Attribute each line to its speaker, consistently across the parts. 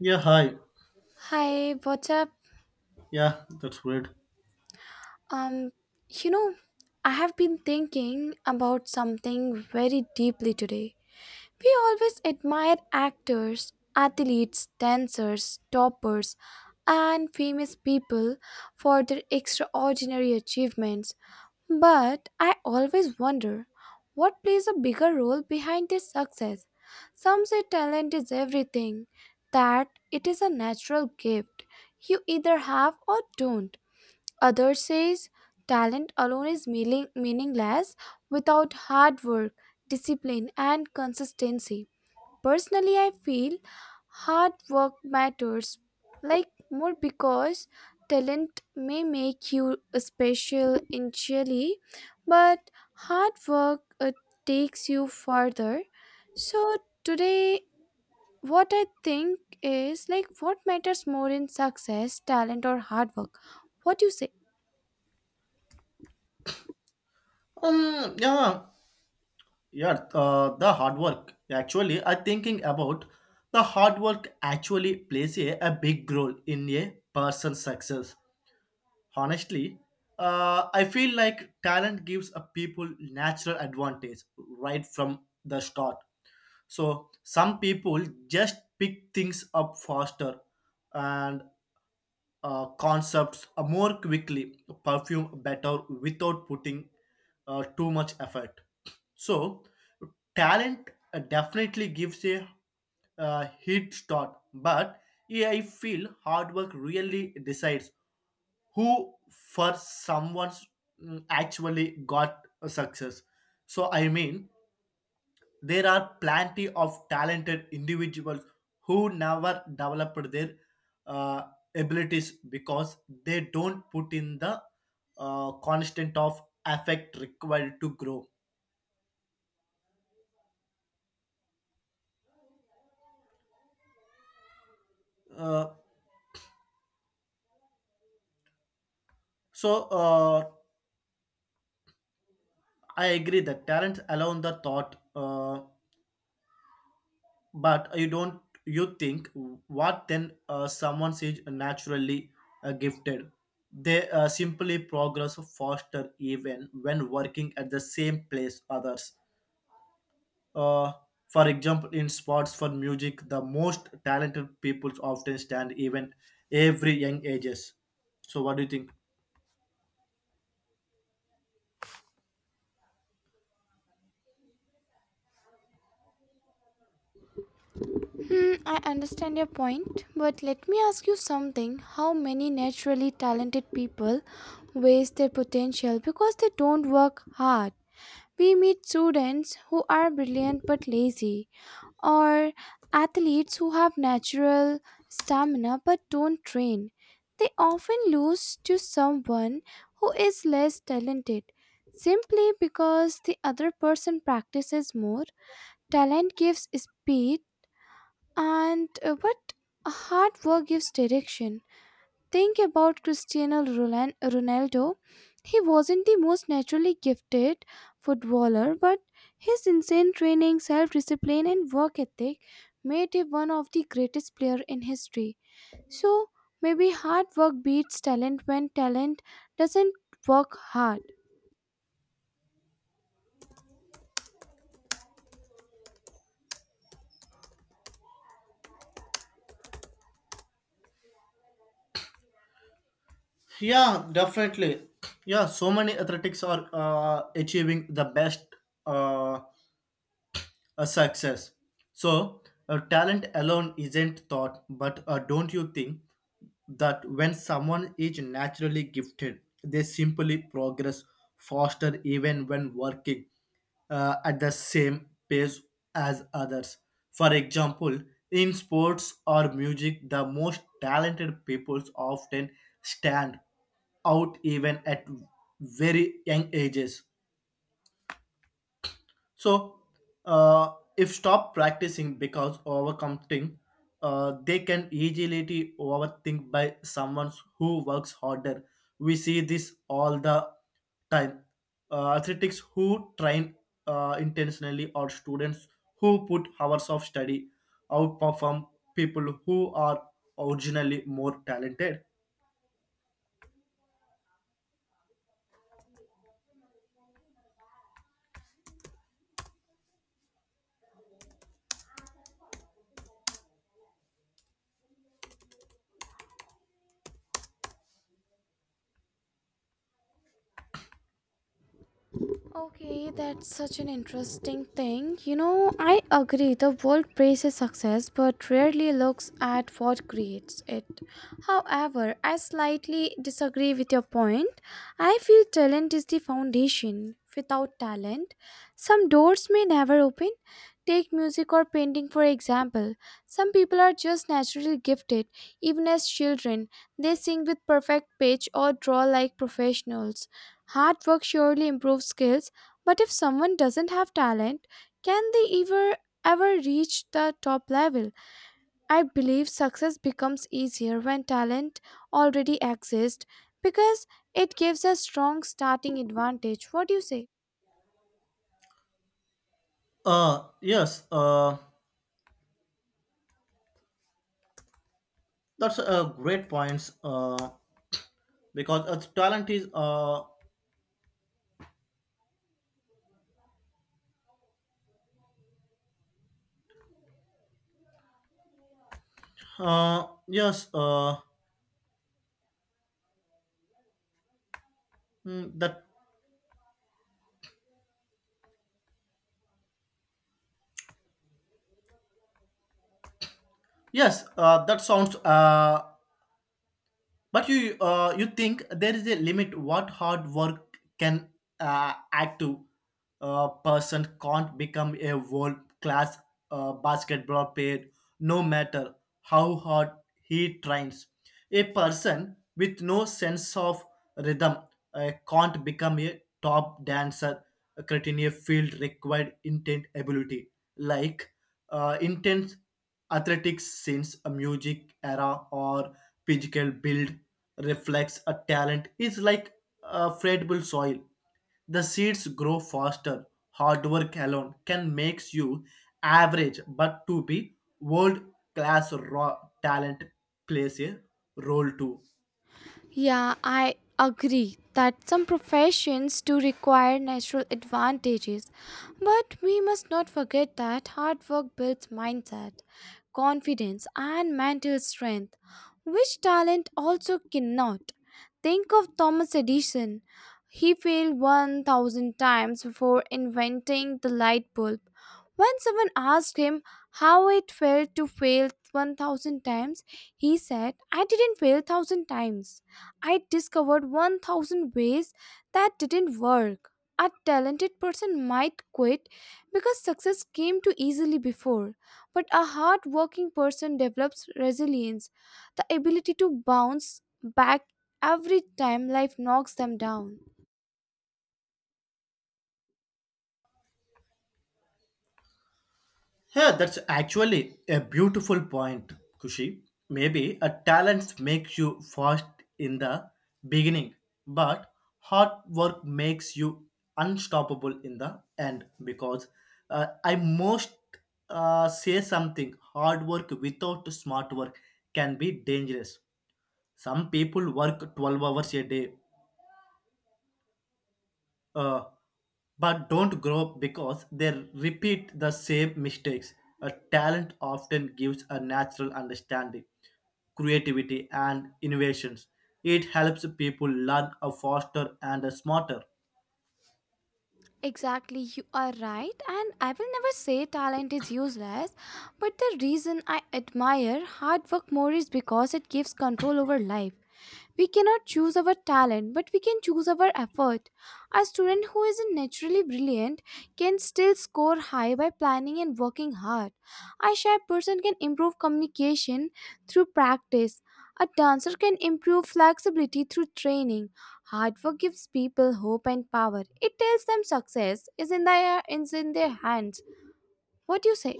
Speaker 1: Yeah, hi.
Speaker 2: Hi, what's up?
Speaker 1: Yeah, that's great.
Speaker 2: Um, you know, I have been thinking about something very deeply today. We always admire actors, athletes, dancers, toppers, and famous people for their extraordinary achievements. But I always wonder what plays a bigger role behind their success. Some say talent is everything, that it is a natural gift you either have or don't. Others says talent alone is meaningless without hard work, discipline and consistency. Personally, I feel hard work matters like more because talent may make you special initially, but hard work takes you further. So today what I think is like what matters more in success, talent or hard work? What do you say?
Speaker 1: Um, yeah, yeah. The hard work. Actually, I thinking about the hard work actually plays a big role in a person's success. Honestly, I feel like talent gives a people natural advantage right from the start. So some people just pick things up faster, and concepts more quickly, perfume better without putting too much effort. So, talent definitely gives a head start, but yeah, I feel hard work really decides who for someone's actually got a success. So, I mean, there are plenty of talented individuals who never developed their uh, abilities because they don't put in the constant of effect required to grow. Uh, so uh, I agree that talent alone the thought, but you don't. You think what then? Someone is naturally gifted. They simply progress faster even when working at the same place others. Uh, for example, in sports for music, the most talented people often stand even every young ages. So, what do you think?
Speaker 2: Hmm, I understand your point, but let me ask you something. How many naturally talented people waste their potential because they don't work hard? We meet students who are brilliant but lazy, or athletes who have natural stamina but don't train. They often lose to someone who is less talented simply because the other person practices more. Talent gives speed and but hard work gives direction. Think about Cristiano Ronaldo. He wasn't the most naturally gifted footballer, but his insane training, self discipline, and work ethic made him one of the greatest players in history. So maybe hard work beats talent when talent doesn't work hard.
Speaker 1: Yeah, definitely. Yeah, so many athletics are achieving the best uh, a success. So, a talent alone isn't thought, but don't you think that when someone is naturally gifted, they simply progress faster even when working at the same pace as others? For example, in sports or music, the most talented people often stand out even at very young ages. So, if stop practicing because overcommitting, they can easily overthink by someone who works harder. We see this all the time. Athletics who train intentionally or students who put hours of study outperform people who are originally more talented.
Speaker 2: Okay, that's such an interesting thing. You know, I agree the world praises success but rarely looks at what creates it. However, I slightly disagree with your point. I feel talent is the foundation. Without talent, some doors may never open. Take music or painting for example. Some people are just naturally gifted, even as children. They sing with perfect pitch or draw like professionals. Hard work surely improves skills, but if someone doesn't have talent, can they ever reach the top level? I believe success becomes easier when talent already exists because it gives a strong starting advantage. What do you say?
Speaker 1: Yes, that's a great points. Because talent is yes. Mm, that yes. That sounds But you you think there is a limit what hard work can add to a person can't become a world class basketball player no matter how hard he trains. A person with no sense of rhythm can't become a top dancer, creating a field required intent ability like intense athletics since a music era or physical build reflects a talent is like a fertile soil. The seeds grow faster. Hard work alone can make you average, but to be world class raw talent plays a role too.
Speaker 2: Yeah, I agree that some professions do require natural advantages, but we must not forget that hard work builds mindset, confidence, and mental strength, which talent also cannot. Think of Thomas Edison. He failed 1,000 times before inventing the light bulb, when someone asked him how it felt to fail 1,000 times, he said, I didn't fail 1,000 times. I discovered 1,000 ways that didn't work. A talented person might quit because success came too easily before, but a hard-working person develops resilience, the ability to bounce back every time life knocks them down.
Speaker 1: Yeah, that's actually a beautiful point, Kushi. Maybe a talent makes you fast in the beginning, but hard work makes you unstoppable in the end. Because I most say something hard work without smart work can be dangerous. Some people work 12 hours a day uh, but don't grow because they repeat the same mistakes. A talent often gives a natural understanding, creativity, and innovations. It helps people learn a faster and a smarter.
Speaker 2: Exactly, you are right, and I will never say talent is useless, but the reason I admire hard work more is because it gives control over life. We cannot choose our talent, but we can choose our effort. A student who isn't naturally brilliant can still score high by planning and working hard. A shy person can improve communication through practice. A dancer can improve flexibility through training. Hard work gives people hope and power. It tells them success is in their hands. What do you say?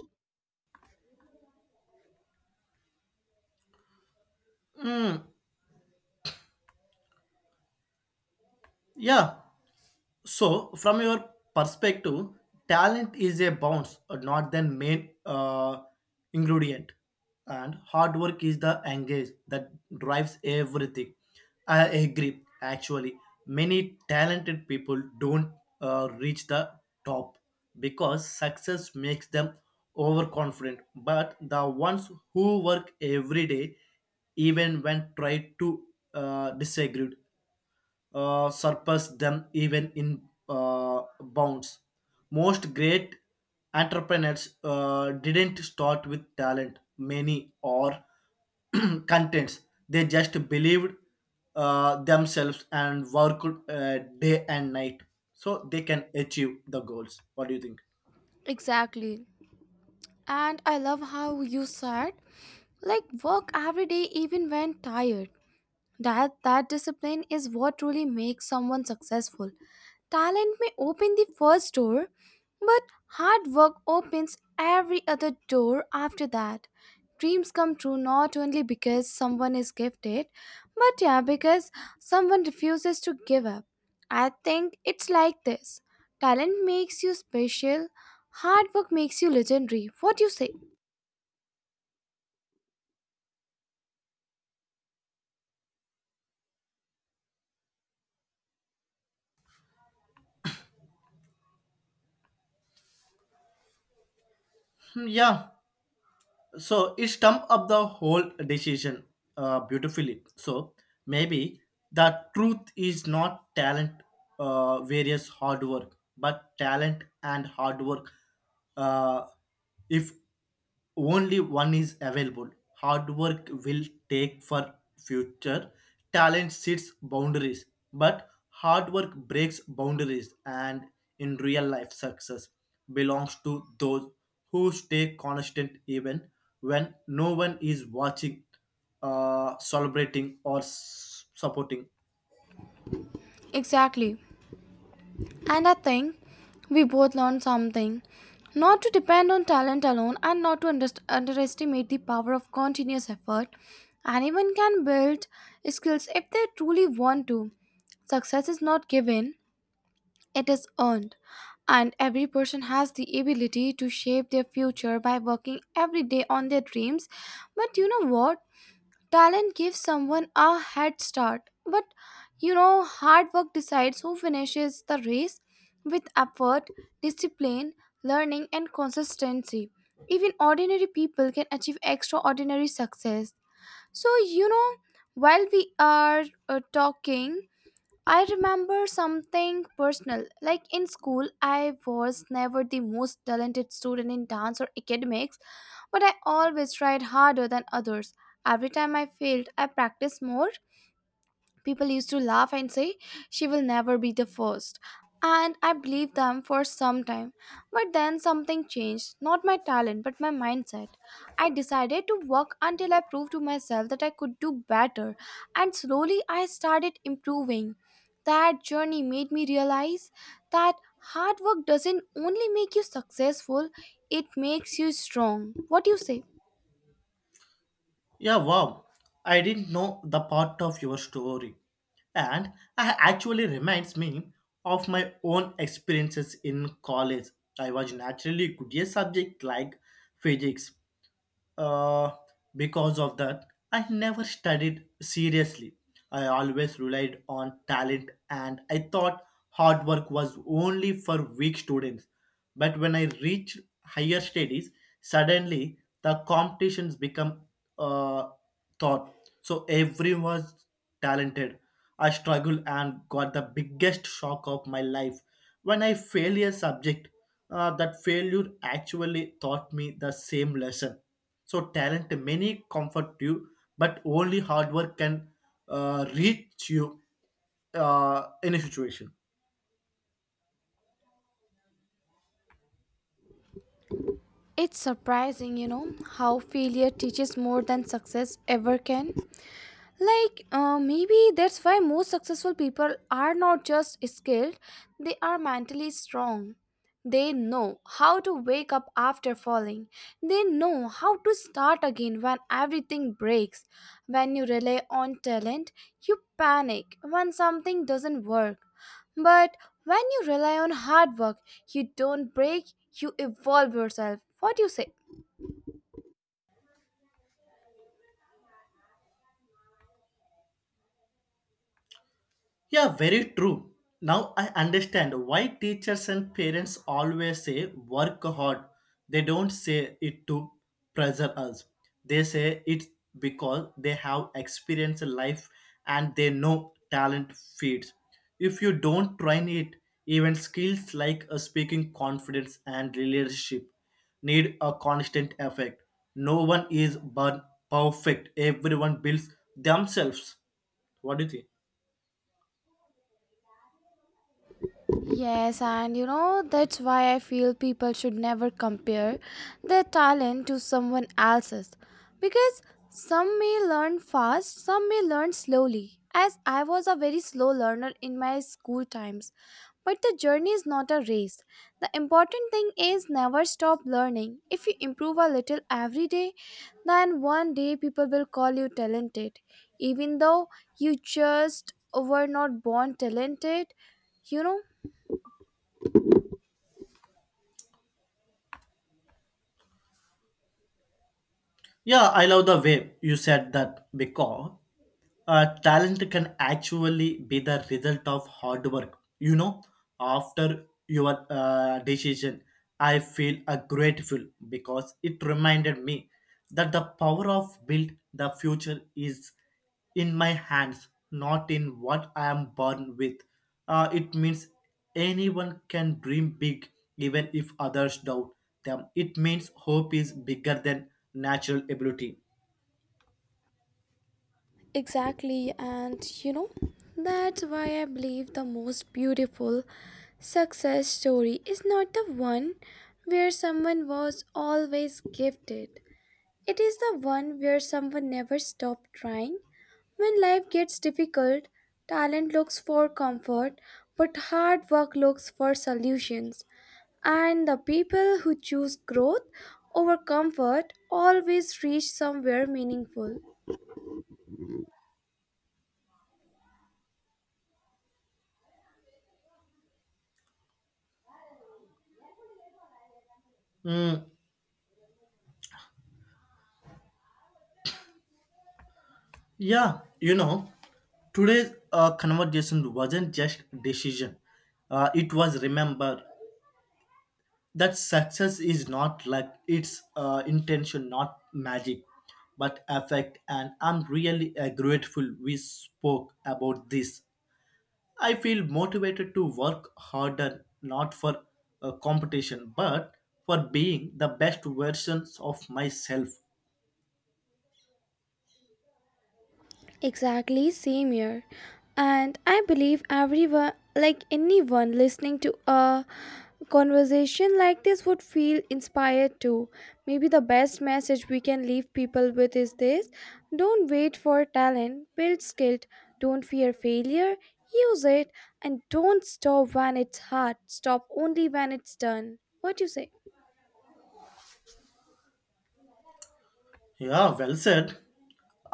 Speaker 1: Yeah, so, from your perspective, talent is a bounce, not the main ingredient. And hard work is the engage that drives everything. I agree. Actually, many talented people don't reach the top because success makes them overconfident. But the ones who work every day, even when tried to disagree, surpass them even in bounds. Most great entrepreneurs didn't start with talent, many or contents. They just believed themselves and worked day and night so they can achieve the goals. What do you think?
Speaker 2: Exactly. And I love how you said like work every day even when tired. That discipline is what truly makes someone successful. Talent may open the first door, but hard work opens every other door after that. Dreams come true not only because someone is gifted, but yeah, because someone refuses to give up. I think it's like this. Talent makes you special, hard work makes you legendary. What do you say?
Speaker 1: Yeah, so it stump up the whole decision beautifully. So maybe the truth is not talent various hard work, but talent and hard work, uh, if only one is available, hard work will take for future. Talent sets boundaries, but hard work breaks boundaries, and in real life success belongs to those who stay constant even when no one is watching, celebrating, or supporting.
Speaker 2: Exactly. And I think we both learned something not to depend on talent alone and not to underestimate the power of continuous effort. Anyone can build skills if they truly want to. Success is not given, it is earned. And every person has the ability to shape their future by working every day on their dreams. But you know what? Talent gives someone a head start, but hard work decides who finishes the race with effort, discipline, learning, and consistency. Even ordinary people can achieve extraordinary success. So, you know, while we are talking, I remember something personal. Like in school, I was never the most talented student in dance or academics, but I always tried harder than others. Every time I failed, I practiced more. People used to laugh and say, she will never be the first. And I believed them for some time. But then something changed. Not my talent, but my mindset. I decided to work until I proved to myself that I could do better. And slowly I started improving. That journey made me realize that hard work doesn't only make you successful, it makes you strong. What do you say?
Speaker 1: Yeah, wow. I didn't know the part of your story. And I actually reminds me of my own experiences in college. I was naturally good at subject like physics. Uh, because of that, I never studied seriously. I always relied on talent and I thought hard work was only for weak students. But when I reached higher studies, suddenly the competitions become uh, thought. So everyone was talented. I struggled and got the biggest shock of my life when I failed a subject. That failure actually taught me the same lesson. So talent many comfort you, but only hard work can reach you in a situation.
Speaker 2: It's surprising, you know, how failure teaches more than success ever can. Like maybe that's why most successful people are not just skilled, they are mentally strong. They know how to wake up after falling. They know how to start again when everything breaks. When you rely on talent, you panic when something doesn't work, but when you rely on hard work, you don't break, you evolve yourself. What do you say?
Speaker 1: Yeah, very true. Now I understand why teachers and parents always say work hard. They don't say it to pressure us. They say it because they have experienced life and they know talent feeds. If you don't train it, even skills like speaking confidence and leadership need a constant effect. No one is born perfect. Everyone builds themselves. What do you think?
Speaker 2: Yes, and you know, that's why I feel people should never compare their talent to someone else's. Because some may learn fast, some may learn slowly. As I was a very slow learner in my school times, but the journey is not a race. The important thing is never stop learning. If you improve a little every day, then one day people will call you talented. Even though you just were not born talented, you know.
Speaker 1: Yeah, I love the way you said that because talent can actually be the result of hard work, you know, after your decision. I feel grateful because it reminded me that the power of build the future is in my hands, not in what I am born with. It means anyone can dream big even if others doubt them. It means hope is bigger than natural ability.
Speaker 2: Exactly, and you know, that's why I believe the most beautiful success story is not the one where someone was always gifted. It is the one where someone never stopped trying. When life gets difficult, talent looks for comfort, but hard work looks for solutions. And the people who choose growth over comfort always reach somewhere meaningful.
Speaker 1: Mm, Yeah, you know, today's conversation wasn't just decision. It was remember that success is not like its intention, not magic, but effect. And I'm really grateful we spoke about this. I feel motivated to work harder, not for competition, but for being the best versions of myself.
Speaker 2: Exactly, same here. And I believe everyone, like anyone listening to a conversation like this, would feel inspired too. Maybe the best message we can leave people with is this: don't wait for talent, build skill, don't fear failure, use it, and don't stop when it's hard, stop only when it's done. What do you say?
Speaker 1: Yeah, well said.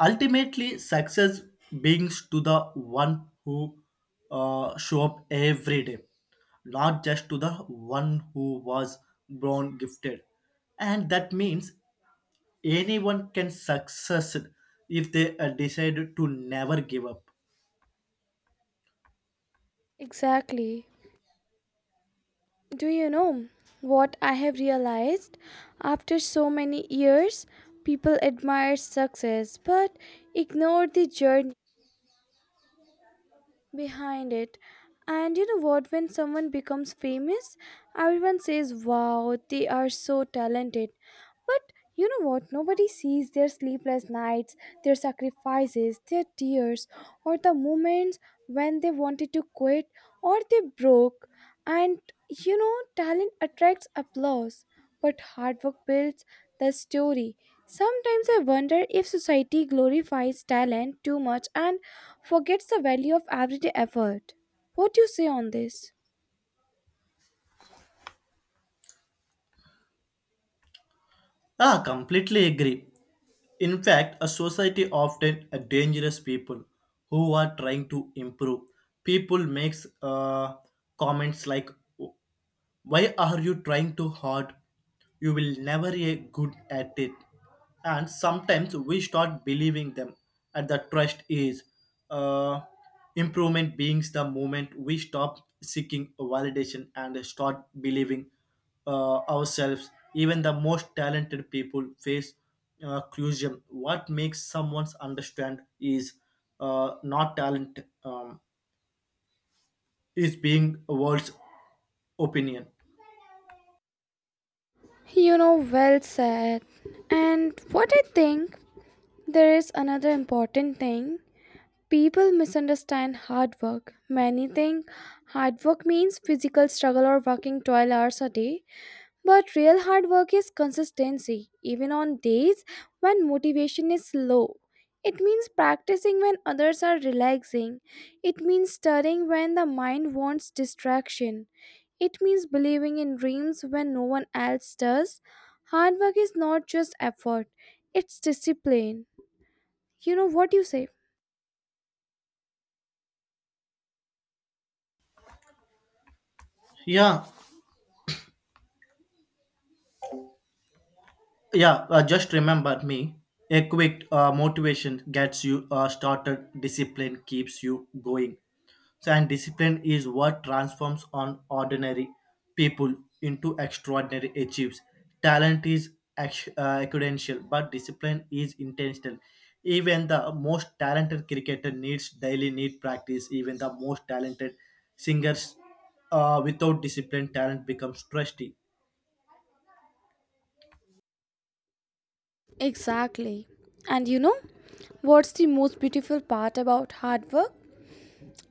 Speaker 1: Ultimately, success belongs to the one who show up every day, not just to the one who was born gifted. And that means anyone can succeed if they decide to never give up.
Speaker 2: Exactly. Do you know what I have realized? After so many years, people admire success but ignore the journey behind it. And you know what? When someone becomes famous, everyone says, wow, they are so talented. But you know what? Nobody sees their sleepless nights, their sacrifices, their tears, or the moments when they wanted to quit or they broke. And you know, talent attracts applause, but hard work builds the story. Sometimes I wonder if society glorifies talent too much and forgets the value of everyday effort. What do you say on this?
Speaker 1: Ah, completely agree. In fact, a society often a dangerous people who are trying to improve. People makes comments like why are you trying too hard? You will never get good at it. And sometimes we start believing them, and the trust is uh, improvement beings the moment we stop seeking validation and start believing ourselves. Even the most talented people face clusion. What makes someone understand is not talent, is being a world's opinion.
Speaker 2: You know, well said. And what I think, there is another important thing. People misunderstand hard work. Many think hard work means physical struggle or working 12 hours a day, but real hard work is consistency, even on days when motivation is low. It means practicing when others are relaxing. It means studying when the mind wants distraction. It means believing in dreams when no one else does. Hard work is not just effort, it's discipline. You know what you say?
Speaker 1: Yeah, Yeah, just remember me. A quick motivation gets you started. Discipline keeps you going. So, and discipline is what transforms on ordinary people into extraordinary achieves. Talent is accidental, but discipline is intentional. Even the most talented cricketer needs daily need practice. Even the most talented singers, without discipline, talent becomes trusty.
Speaker 2: Exactly. And you know what's the most beautiful part about hard work?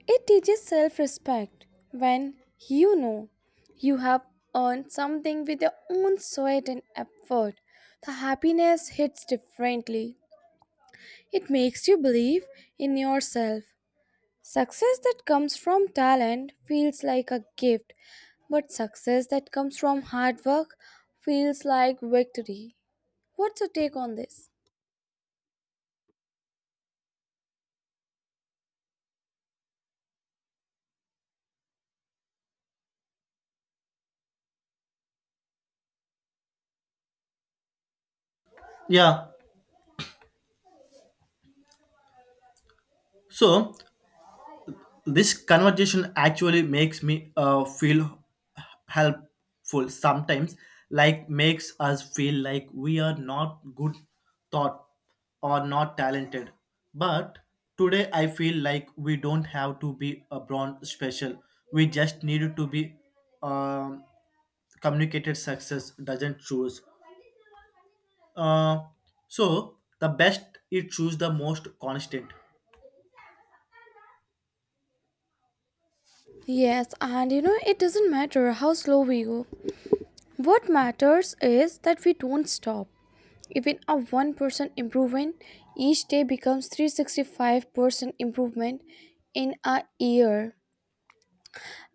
Speaker 2: It teaches self respect when you know you have earned something with your own sweat and effort. The happiness hits differently. It makes you believe in yourself. Success that comes from talent feels like a gift, but success that comes from hard work feels like victory. What's your take on this?
Speaker 1: Yeah. So this conversation actually makes me feel helpful sometimes, like makes us feel like we are not good thought or not talented, but today I feel like we don't have to be a brand special. We just need to be um, communicated success. Doesn't choose uh, so the best, it choose the most constant.
Speaker 2: Yes, and you know, it doesn't matter how slow we go. What matters is that we don't stop. Even a 1% improvement each day becomes 365% improvement in a year.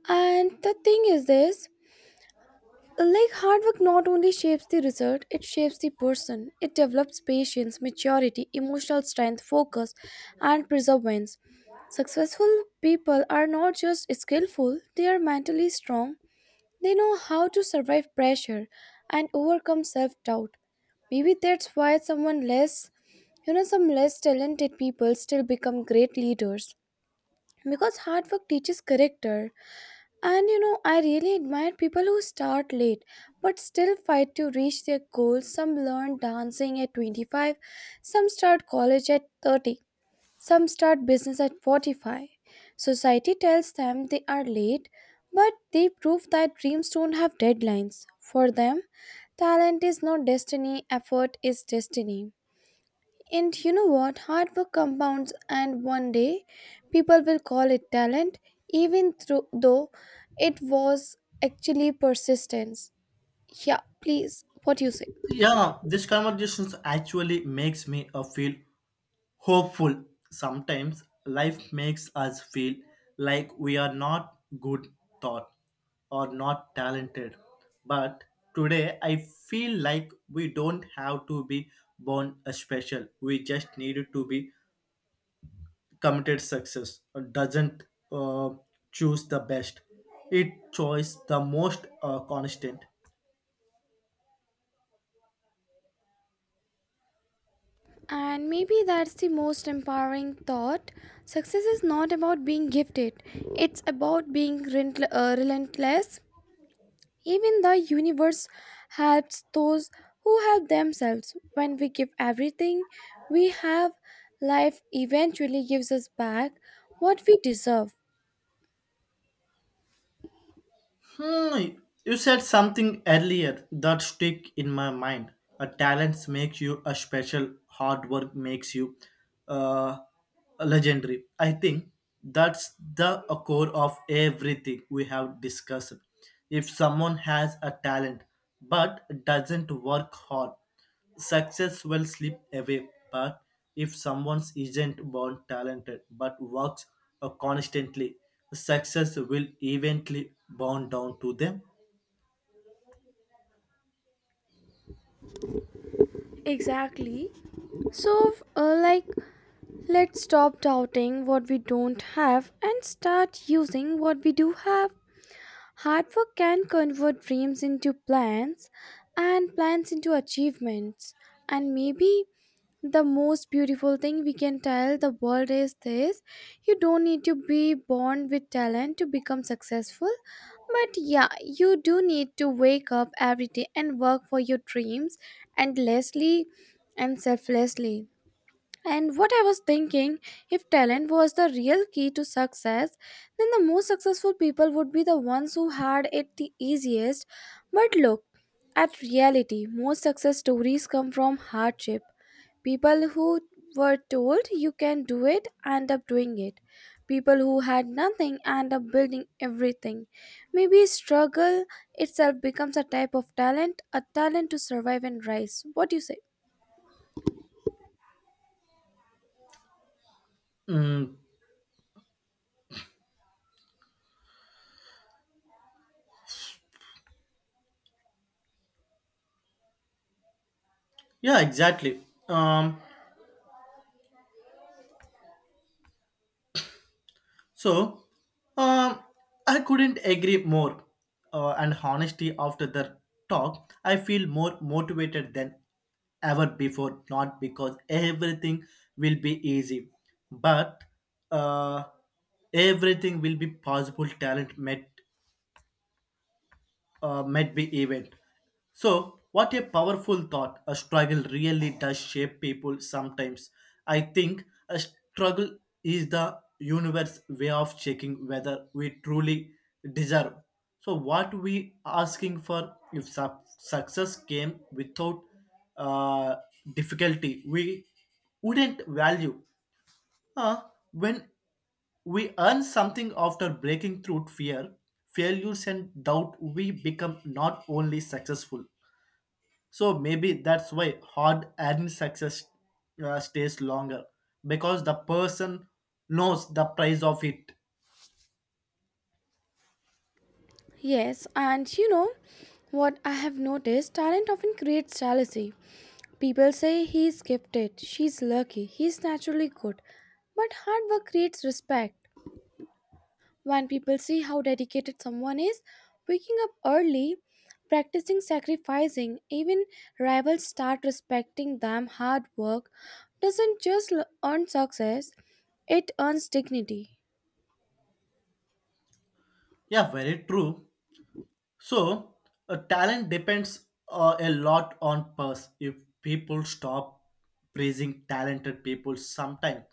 Speaker 2: And the thing is this, like hard work not only shapes the result, it shapes the person. It develops patience, maturity, emotional strength, focus, and perseverance. Successful people are not just skillful, they are mentally strong. They know how to survive pressure and overcome self doubt. Maybe that's why some less talented people still become great leaders because hard work teaches character. And you know, I really admire people who start late but still fight to reach their goals. Some learn dancing at 25, some start college at 30, some start business at 45. Society tells them they are late, but they prove that dreams don't have deadlines. For them, talent is not destiny, effort is destiny. And you know what? Hard work compounds, and one day people will call it talent, even though it was actually persistence. Yeah, please, what you say?
Speaker 1: Yeah, this conversations actually makes me feel hopeful. Sometimes life makes us feel like we are not good thought or not talented. But today I feel like we don't have to be born a special. We just need to be committed success. Doesn't uh, choose the best. It choice the most constant.
Speaker 2: And maybe that's the most empowering thought. Success is not about being gifted, it's about being relentless. Even the universe helps those who help themselves. When we give everything we have, life eventually gives us back what we deserve.
Speaker 1: Hmm, you said something earlier that stick in my mind. A talent makes you a special. Hard work makes you uh, legendary. I think that's the core of everything we have discussed. If someone has a talent but doesn't work hard, success will slip away, but if someone isn't born talented but works constantly, success will eventually bound down to them.
Speaker 2: Exactly. So, let's stop doubting what we don't have and start using what we do have. Hard work can convert dreams into plans and plans into achievements. And maybe the most beautiful thing we can tell the world is this: you don't need to be born with talent to become successful. But yeah, you do need to wake up every day and work for your dreams endlessly and selflessly. And what I was thinking, if talent was the real key to success, then the most successful people would be the ones who had it the easiest. But look at reality, most success stories come from hardship. People who were told you can do it end up doing it. People who had nothing end up building everything. Maybe struggle itself becomes a type of talent, a talent to survive and rise. What do you say?
Speaker 1: Mm, yeah, exactly. Um, So, um, I couldn't agree more. And honestly, after the talk, I feel more motivated than ever before. Not because everything will be easy, but uh, everything will be possible. Talent met might be event. So, what a powerful thought. A struggle really does shape people sometimes. I think a struggle is the universe way of checking whether we truly deserve. So, what we asking for if success came without uh, difficulty, we wouldn't value uh, when we earn something after breaking through fear, failures, and doubt, we become not only successful. So maybe that's why hard earned success stays longer because the person knows the price of it.
Speaker 2: Yes, and you know what I have noticed, talent often creates jealousy. People say he's gifted, she's lucky, he's naturally good. But hard work creates respect. When people see how dedicated someone is, waking up early, practicing, sacrificing, even rivals start respecting them. Hard work doesn't just earn success, it earns dignity.
Speaker 1: Yeah, very true. So, talent depends a lot on purse. If people stop praising talented people sometime,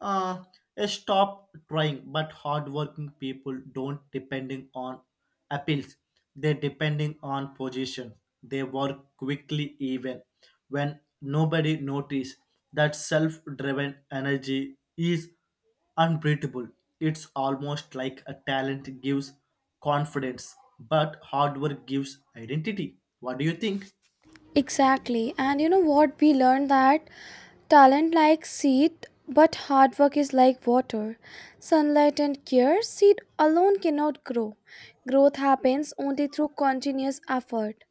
Speaker 1: uh, they stop trying. But hardworking people don't depending on appeals. They depending on position. They work quickly even when nobody notice. That self-driven energy is unbeatable. It's almost like a talent gives confidence, but hard work gives identity. What do you think?
Speaker 2: Exactly. And you know what? We learned that talent like seed, but hard work is like water. Sunlight and care, seed alone cannot grow. Growth happens only through continuous effort.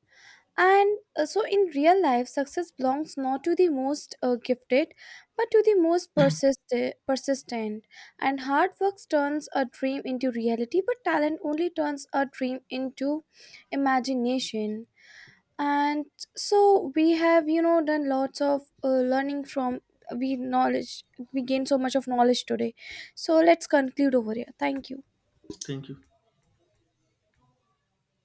Speaker 2: And so, in real life, success belongs not to the most gifted, but to the most persistent. And hard work turns a dream into reality, but talent only turns a dream into imagination. And so we have, done lots of learning from we knowledge. We gain so much of knowledge today, so let's conclude over here. Thank you.
Speaker 1: Thank you.